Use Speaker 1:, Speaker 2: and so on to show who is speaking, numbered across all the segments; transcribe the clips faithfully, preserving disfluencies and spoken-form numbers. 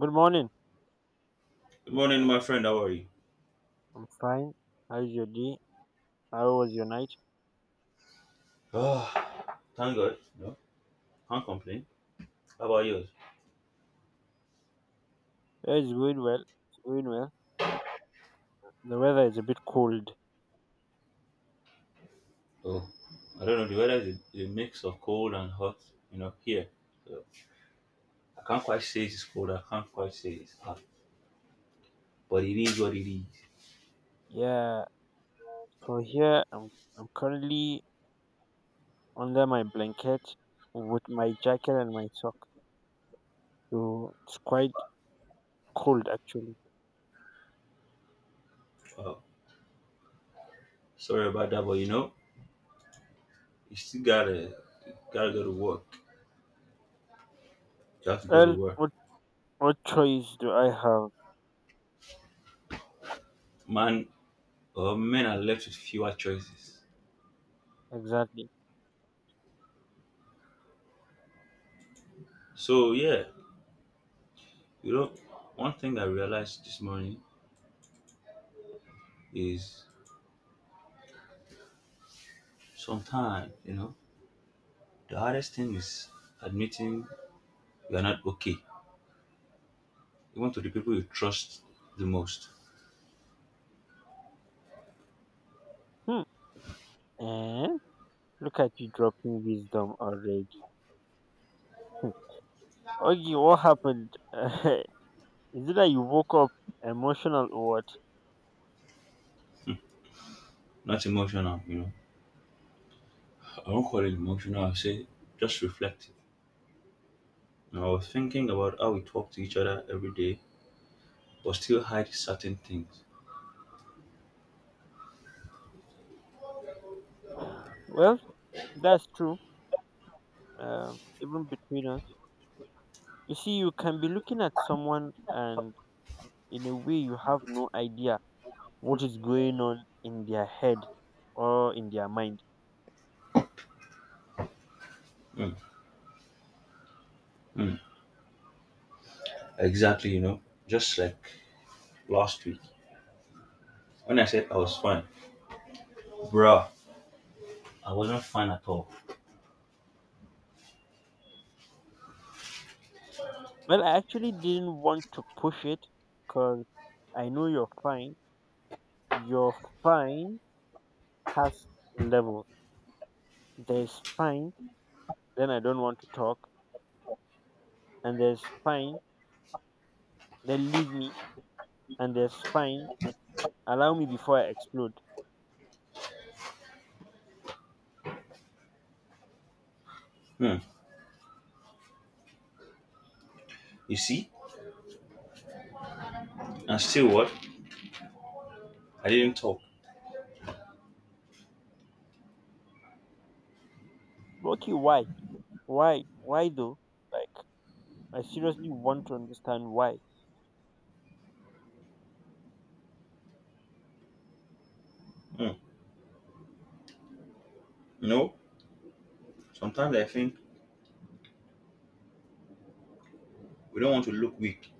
Speaker 1: Good morning.
Speaker 2: Good morning, my friend. How are you?
Speaker 1: I'm fine. How's your day? How was your night?
Speaker 2: Ah, thank God. No. Can't complain. How about yours?
Speaker 1: Yeah, it's going well. It's going well. The weather is a bit cold.
Speaker 2: Oh, I don't know. The weather is a, a mix of cold and hot, you know, here. So I can't quite say it's cold. I can't quite say it's hot. But it is what it is.
Speaker 1: Yeah. So here I'm I'm currently under my blanket with my jacket and my sock. So it's quite cold actually.
Speaker 2: Oh, sorry about that, but you know, you still gotta gotta go to work. You have to go to
Speaker 1: Well,
Speaker 2: work.
Speaker 1: what what choice do I have
Speaker 2: Man, uh, men are left with fewer choices.
Speaker 1: exactly?
Speaker 2: So yeah, you know, one thing I realized this morning is sometimes, you know, the hardest thing is admitting you're not okay, even to the people you trust the most.
Speaker 1: Hmm. Eh? Look at you dropping wisdom already. Hmm. Okay, what happened? Is it that you woke up emotional or
Speaker 2: Not emotional, you know. I won't call it emotional, I'll say just reflective. And I was thinking about how we talk to each other every day, but still hide certain things.
Speaker 1: what? Well, that's true. Um, even between us, you see, you can be looking at someone, and in a way, you have no idea what is going on in their head or in their mind.
Speaker 2: Mm, mm. Exactly, you know. Just like last week, when I said I was fine, bruh, I wasn't fine at all.
Speaker 1: Well, I actually didn't want to push it because I know you're fine. Your fine has level. There's fine, then I don't want to talk, and there's fine, then leave me, and there's fine, allow me before I explode.
Speaker 2: Mm. You see? And still what? I didn't talk.
Speaker 1: But okay, why? Why? Why though? Like, I seriously want to understand why.
Speaker 2: Mm. You know, sometimes I think we don't want to look weak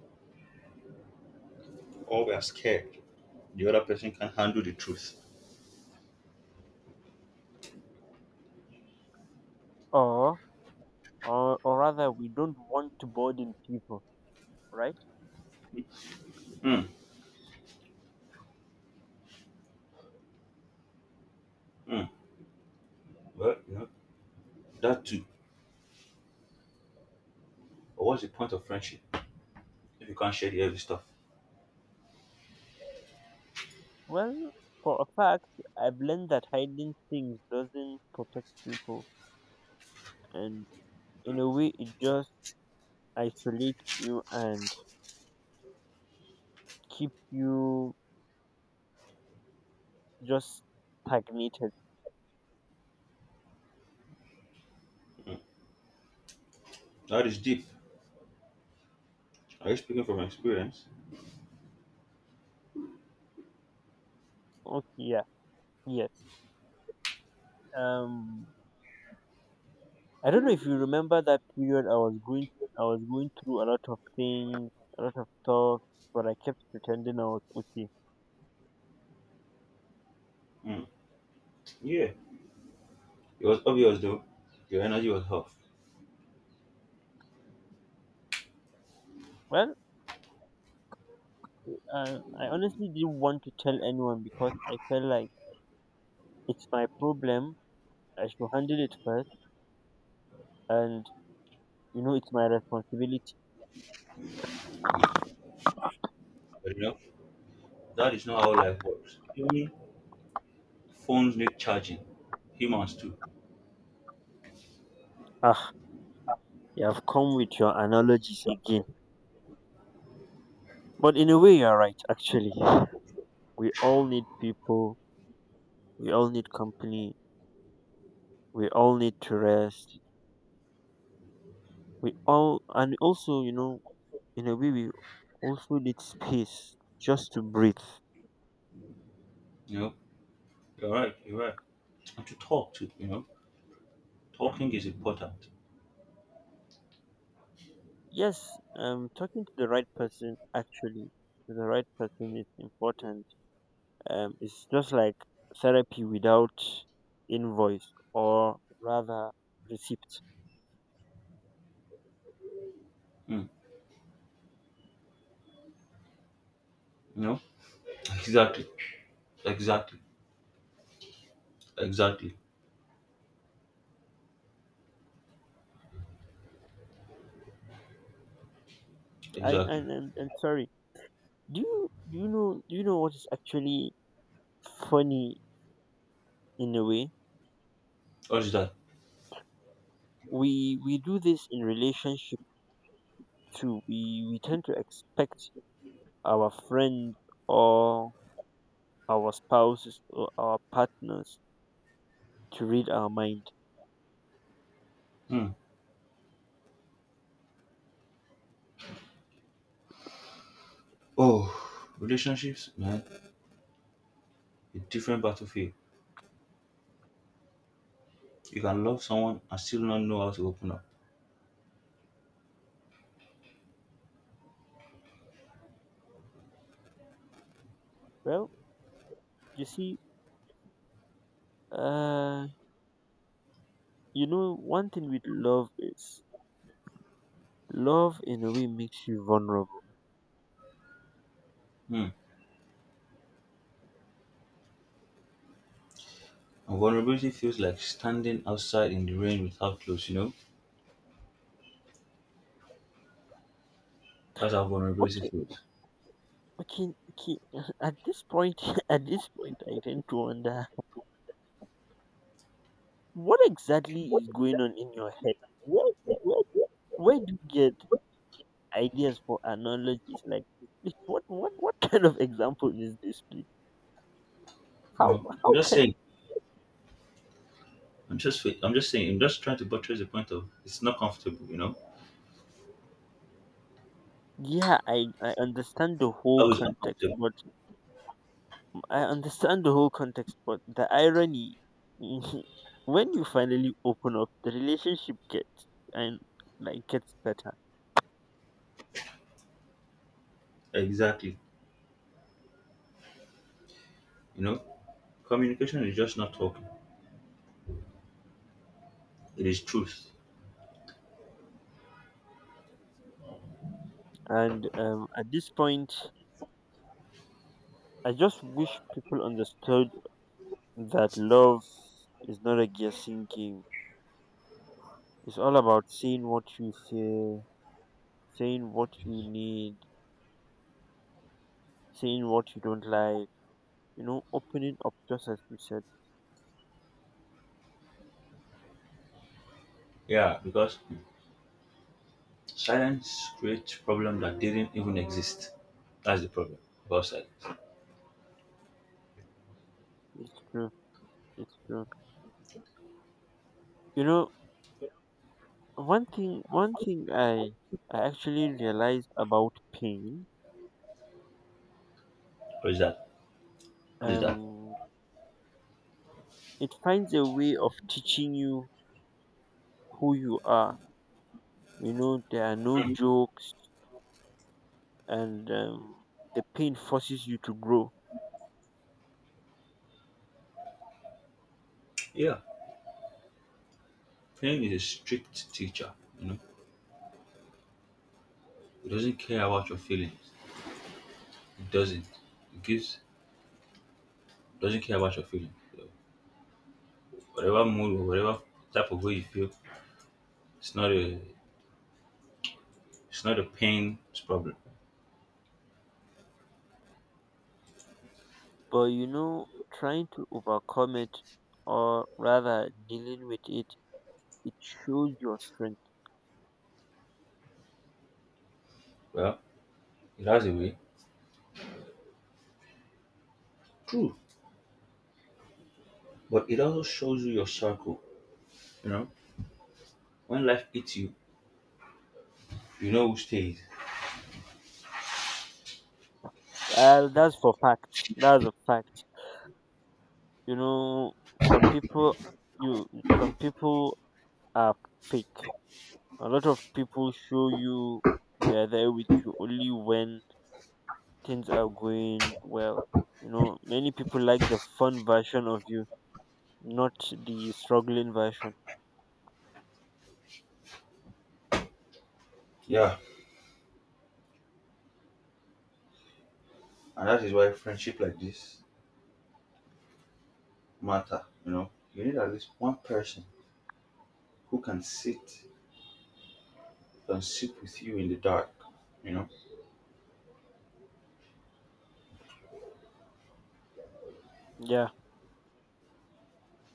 Speaker 2: or we are scared the other person can handle the truth.
Speaker 1: Or, or, or rather, we don't want to burden people, right?
Speaker 2: Mm, mm. Well, you know, that too. But what's the point of friendship if you can't share the heavy stuff?
Speaker 1: Well, for a fact, I've learned that hiding things doesn't protect people, and in a way, it just isolates you and keep you just stagnated.
Speaker 2: That is deep. Are you speaking from experience?
Speaker 1: Okay, yeah, yes. Um, I don't know if you remember that period. I was going, I was going through a lot of things, a lot of stuff, but I kept pretending I was okay.
Speaker 2: Mm. Yeah. It was obvious though. Your energy was off.
Speaker 1: Well, Uh, I honestly didn't want to tell anyone because I felt like it's my problem. I should handle it first, and you know, it's my responsibility.
Speaker 2: But you know, that is not how life works. Even phones need charging. Humans too.
Speaker 1: Ah, you have come with your analogies again. But in a way, you're right, actually. We all need people, we all need company, we all need to rest. We all, and also, you know, in a way, we also need space just to breathe.
Speaker 2: You know, you're right. You're right. And to talk too. You know, talking is important.
Speaker 1: Yes, um, talking to the right person, actually, to the right person is important. Um, it's just like therapy without invoice or rather receipt.
Speaker 2: Mm. You know, exactly, exactly, exactly,
Speaker 1: And
Speaker 2: exactly.
Speaker 1: and, and, and sorry, do you do you know do you know what is actually funny in a way?
Speaker 2: What is that?
Speaker 1: We we do this in relationship too. We we tend to expect our friend or our spouses or our partners to read our mind.
Speaker 2: Hmm. Oh, relationships, man, a different battlefield. You can love someone and still not know how to open up.
Speaker 1: Well, you see, uh, you know, one thing with love is love in a way makes you vulnerable.
Speaker 2: Hmm. And vulnerability feels like standing outside in the rain without clothes. You know, that's how vulnerability
Speaker 1: Okay,
Speaker 2: feels.
Speaker 1: okay, okay. At this point, at this point, I tend to wonder what exactly is going on in your head. Where, where, where, where do you get ideas for analogies like this? Please, What, what, what kind of example is this? Please,
Speaker 2: You
Speaker 1: how,
Speaker 2: know, I'm
Speaker 1: how
Speaker 2: just
Speaker 1: can?
Speaker 2: saying. I'm just. I'm just saying. I'm just trying to buttress the point of it's not comfortable. You know,
Speaker 1: Yeah, I, I understand the whole
Speaker 2: always
Speaker 1: context,
Speaker 2: uncomfortable.
Speaker 1: but um, I understand the whole context, but the irony, when you finally open up, the relationship gets and like gets better,
Speaker 2: Exactly. You know, communication is just not talking. It is truth.
Speaker 1: and um, at this point, I just wish people understood that love is not a guessing game. It's all about saying what you feel, saying what you need, saying what you don't like, you know, opening up just as you said.
Speaker 2: Yeah, because silence creates problem that didn't even exist. That's the problem. About silence.
Speaker 1: It's true. It's true. You know, one thing one thing I I actually realized about pain,
Speaker 2: What is that? I did that.
Speaker 1: um it finds a way of teaching you who you are. You know, there are no
Speaker 2: Um,
Speaker 1: jokes, and um the pain forces you to grow.
Speaker 2: Yeah, Prem is a strict teacher. You know, he doesn't care about your feelings. He doesn't. He gives doesn't care about your feelings. So whatever mood or whatever type of way you feel, it's not a it's not a pain's problem.
Speaker 1: But you know, trying to overcome it, or rather dealing with it, it shows your strength.
Speaker 2: Well, it has a way. True, but it also shows you your circle. You know, when life hits you, you know who stays.
Speaker 1: Well, that's for fact. That's a fact. You know, some people, you some people are fake. A lot of people show you they're there with you only when things are going well. You know, many people like the fun version of you, not the struggling version.
Speaker 2: Yeah, and that is why friendship like this matter. You know, you need at least one person who can sit can sit with you in the dark, you know?
Speaker 1: Yeah,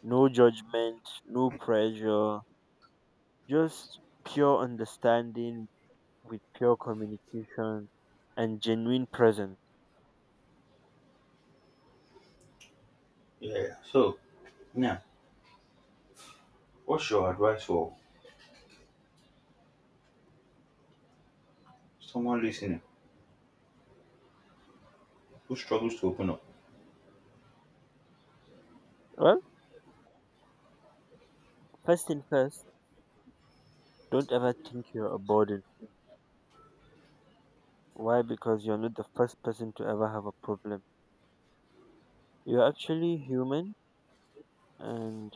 Speaker 1: no judgment, no pressure. Just pure understanding with pure communication and genuine presence.
Speaker 2: Yeah, yeah. So, now, what's your advice for someone listening who struggles to open up?
Speaker 1: Well, first thing first, don't ever think you're a burden. Why? Because you're not the first person to ever have a problem. You're actually human and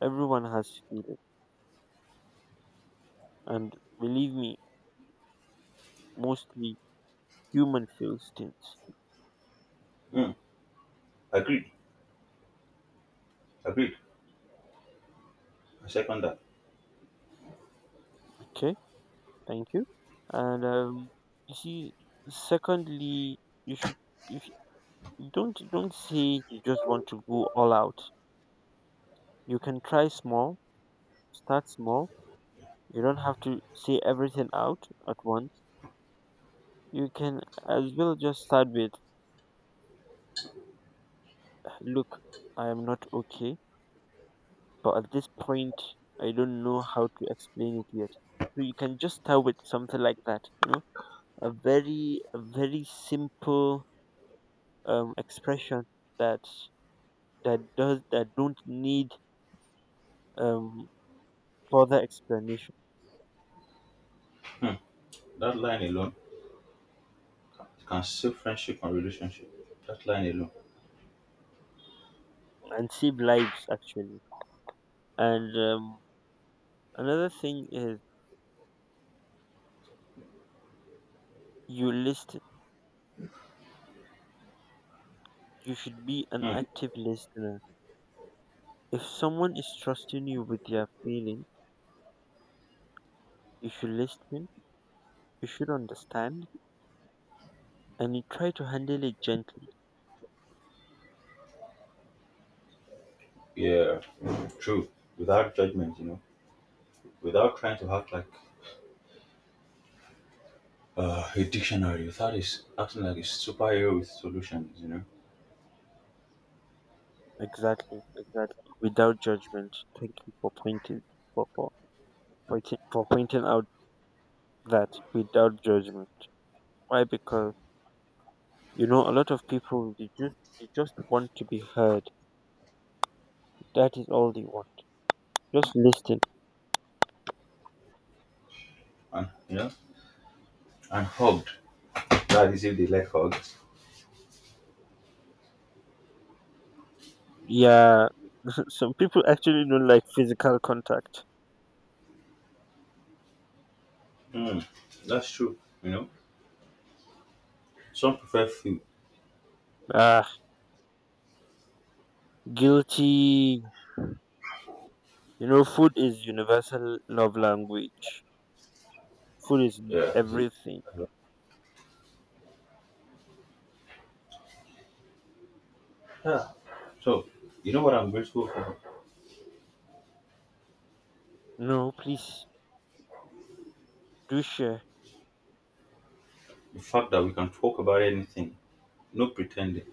Speaker 1: everyone has feelings. And believe me, mostly human feels things.
Speaker 2: Mm, agreed. Agreed. I second that.
Speaker 1: Okay? Thank you. And um you see secondly you should you should, don't don't say you just want to go all out. You can try small, start small. You don't have to see everything out at once. You can as well just start with, look, I am not okay, but at this point, I don't know how to explain it yet. So you can just start with something like that, you know, a very, a very simple um, expression that that does that don't need um, further explanation
Speaker 2: That line alone can save friendship and relationship. That line alone.
Speaker 1: and save lives actually. And um, another thing is you listen. You should be an
Speaker 2: Hmm.
Speaker 1: active listener. If someone is trusting you with their feeling, you should listen, you should understand, and you try to handle it gently.
Speaker 2: Yeah, true. Without judgment, you know, without trying to act like uh, a dictionary, without is acting like a superhero with solutions, you know,
Speaker 1: Exactly, exactly. Without judgment. Thank you for pointing for, for pointing for pointing out that without judgment. Why? Because you know a lot of people they just they just want to be heard. That is all they want. Just listen.
Speaker 2: and you know, and hugged. That is if they like hugs.
Speaker 1: Yeah, some people actually don't like physical contact.
Speaker 2: Hmm. That's true. You know, some prefer few.
Speaker 1: Ah, guilty. You know, food is universal love language. Food is
Speaker 2: Yeah, you see.
Speaker 1: everything.
Speaker 2: Yeah. So you know what I'm grateful for?
Speaker 1: No, please do share.
Speaker 2: The fact that we can talk about anything. No pretending.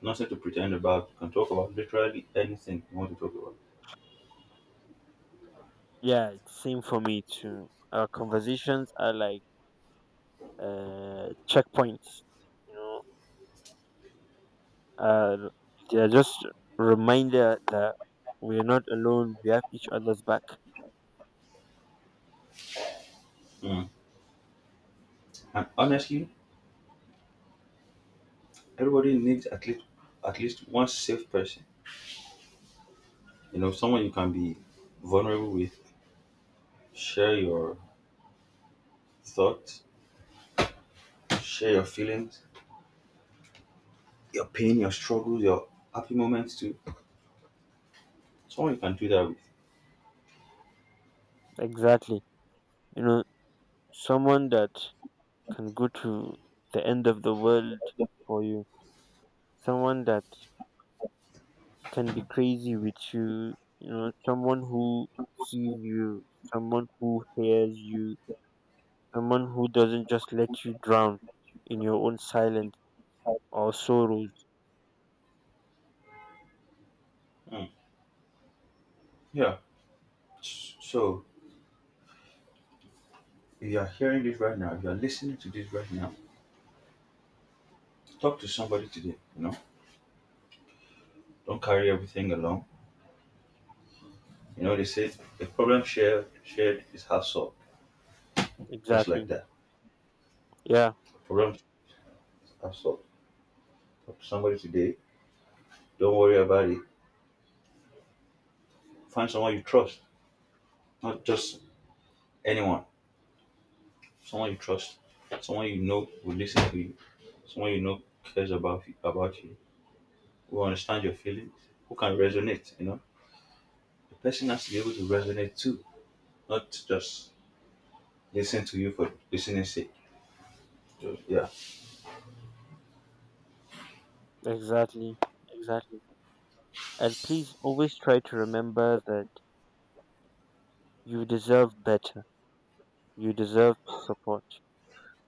Speaker 2: Nothing to pretend about. We can talk about literally anything you want to talk about.
Speaker 1: Yeah, it's same for me too. Our conversations are like uh checkpoints. You know, uh, they are just reminder that we're not alone. We have each other's back.
Speaker 2: Mm. And honestly, everybody needs at least at least one safe person. You know, someone you can be vulnerable with, share your thoughts, share your feelings, your pain, your struggles, your happy moments too. Someone you can do that with.
Speaker 1: Exactly. You know, someone that can go to the end of the world for you. Someone that can be crazy with you, you know, someone who sees you, someone who hears you, someone who doesn't just let you drown in your own silence or sorrows.
Speaker 2: Mm. Yeah. So if you are hearing this right now, if you are listening to this right now, talk to somebody today. You know, don't carry everything along. You know, they say the problem shared shared is half solved, just like
Speaker 1: Exactly.
Speaker 2: that.
Speaker 1: Yeah,
Speaker 2: The problem is half solved. Talk to somebody today. Don't worry about it. Find someone you trust, not just anyone. Someone you trust, someone you know will listen to you, someone you know cares about you, about you, who understand your feelings, who can resonate. You know, the person has to be able to resonate too, not just listen to you for listening's sake. Just yeah.
Speaker 1: exactly. Exactly. And please always try to remember that you deserve better. You deserve support.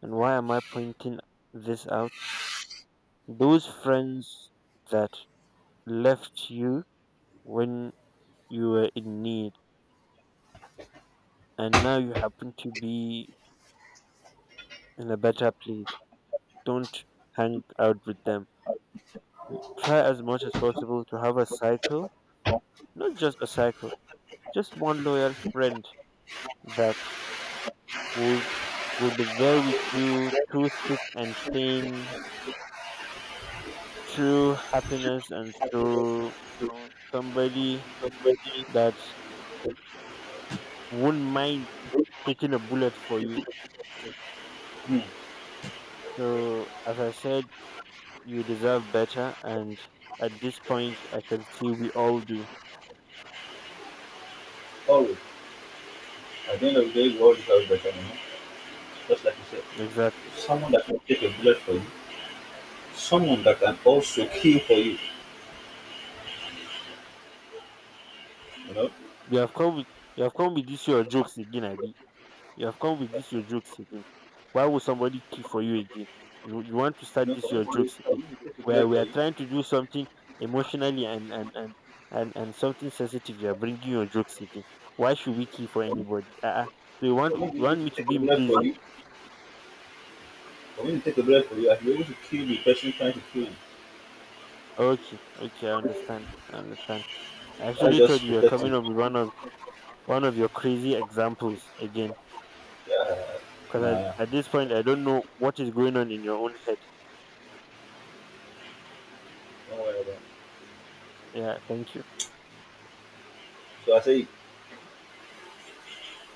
Speaker 1: And why am I pointing this out? Those friends that left you when you were in need and now you happen to be in a better place. Don't hang out with them. Try as much as possible to have a cycle, not just a cycle, just one loyal friend that will will be there with you through thick and thin, through happiness and sorrow. You Somebody that won't mind taking a bullet for you. So as I said, you deserve better and at this point I can see we all do.
Speaker 2: Always. At the end of the day, we always have better, you know? Just like you said,
Speaker 1: Exactly.
Speaker 2: someone that can take a bullet for you, someone that can also kill for you, you know?
Speaker 1: You have come with you have come with this your jokes again, Abi. You have come with this your jokes again. Why would somebody keep for you again? You you want to
Speaker 2: You
Speaker 1: start
Speaker 2: know,
Speaker 1: this your
Speaker 2: for me to,
Speaker 1: jokes
Speaker 2: for
Speaker 1: again.
Speaker 2: me to take a
Speaker 1: Where
Speaker 2: bullet
Speaker 1: we
Speaker 2: for
Speaker 1: are
Speaker 2: you,
Speaker 1: trying to do something emotionally and and and and, and something sensitive, you are bringing your jokes again. Why should we keep for anybody? Uh-uh. So you want
Speaker 2: for me to be
Speaker 1: you
Speaker 2: able
Speaker 1: want
Speaker 2: to
Speaker 1: me to
Speaker 2: take a
Speaker 1: be in
Speaker 2: bullet for
Speaker 1: prison?
Speaker 2: you, for me to take a bullet for you, I should be able to kill the person trying to kill you.
Speaker 1: Okay, okay, I understand. I understand. I
Speaker 2: That's
Speaker 1: actually thought
Speaker 2: just
Speaker 1: you were
Speaker 2: protecting.
Speaker 1: coming up with one of one of your crazy examples again,
Speaker 2: Nah,
Speaker 1: because
Speaker 2: yeah,
Speaker 1: at, at this point I don't know what is going on in your own head.
Speaker 2: don't worry about it.
Speaker 1: Yeah, thank you.
Speaker 2: So I say,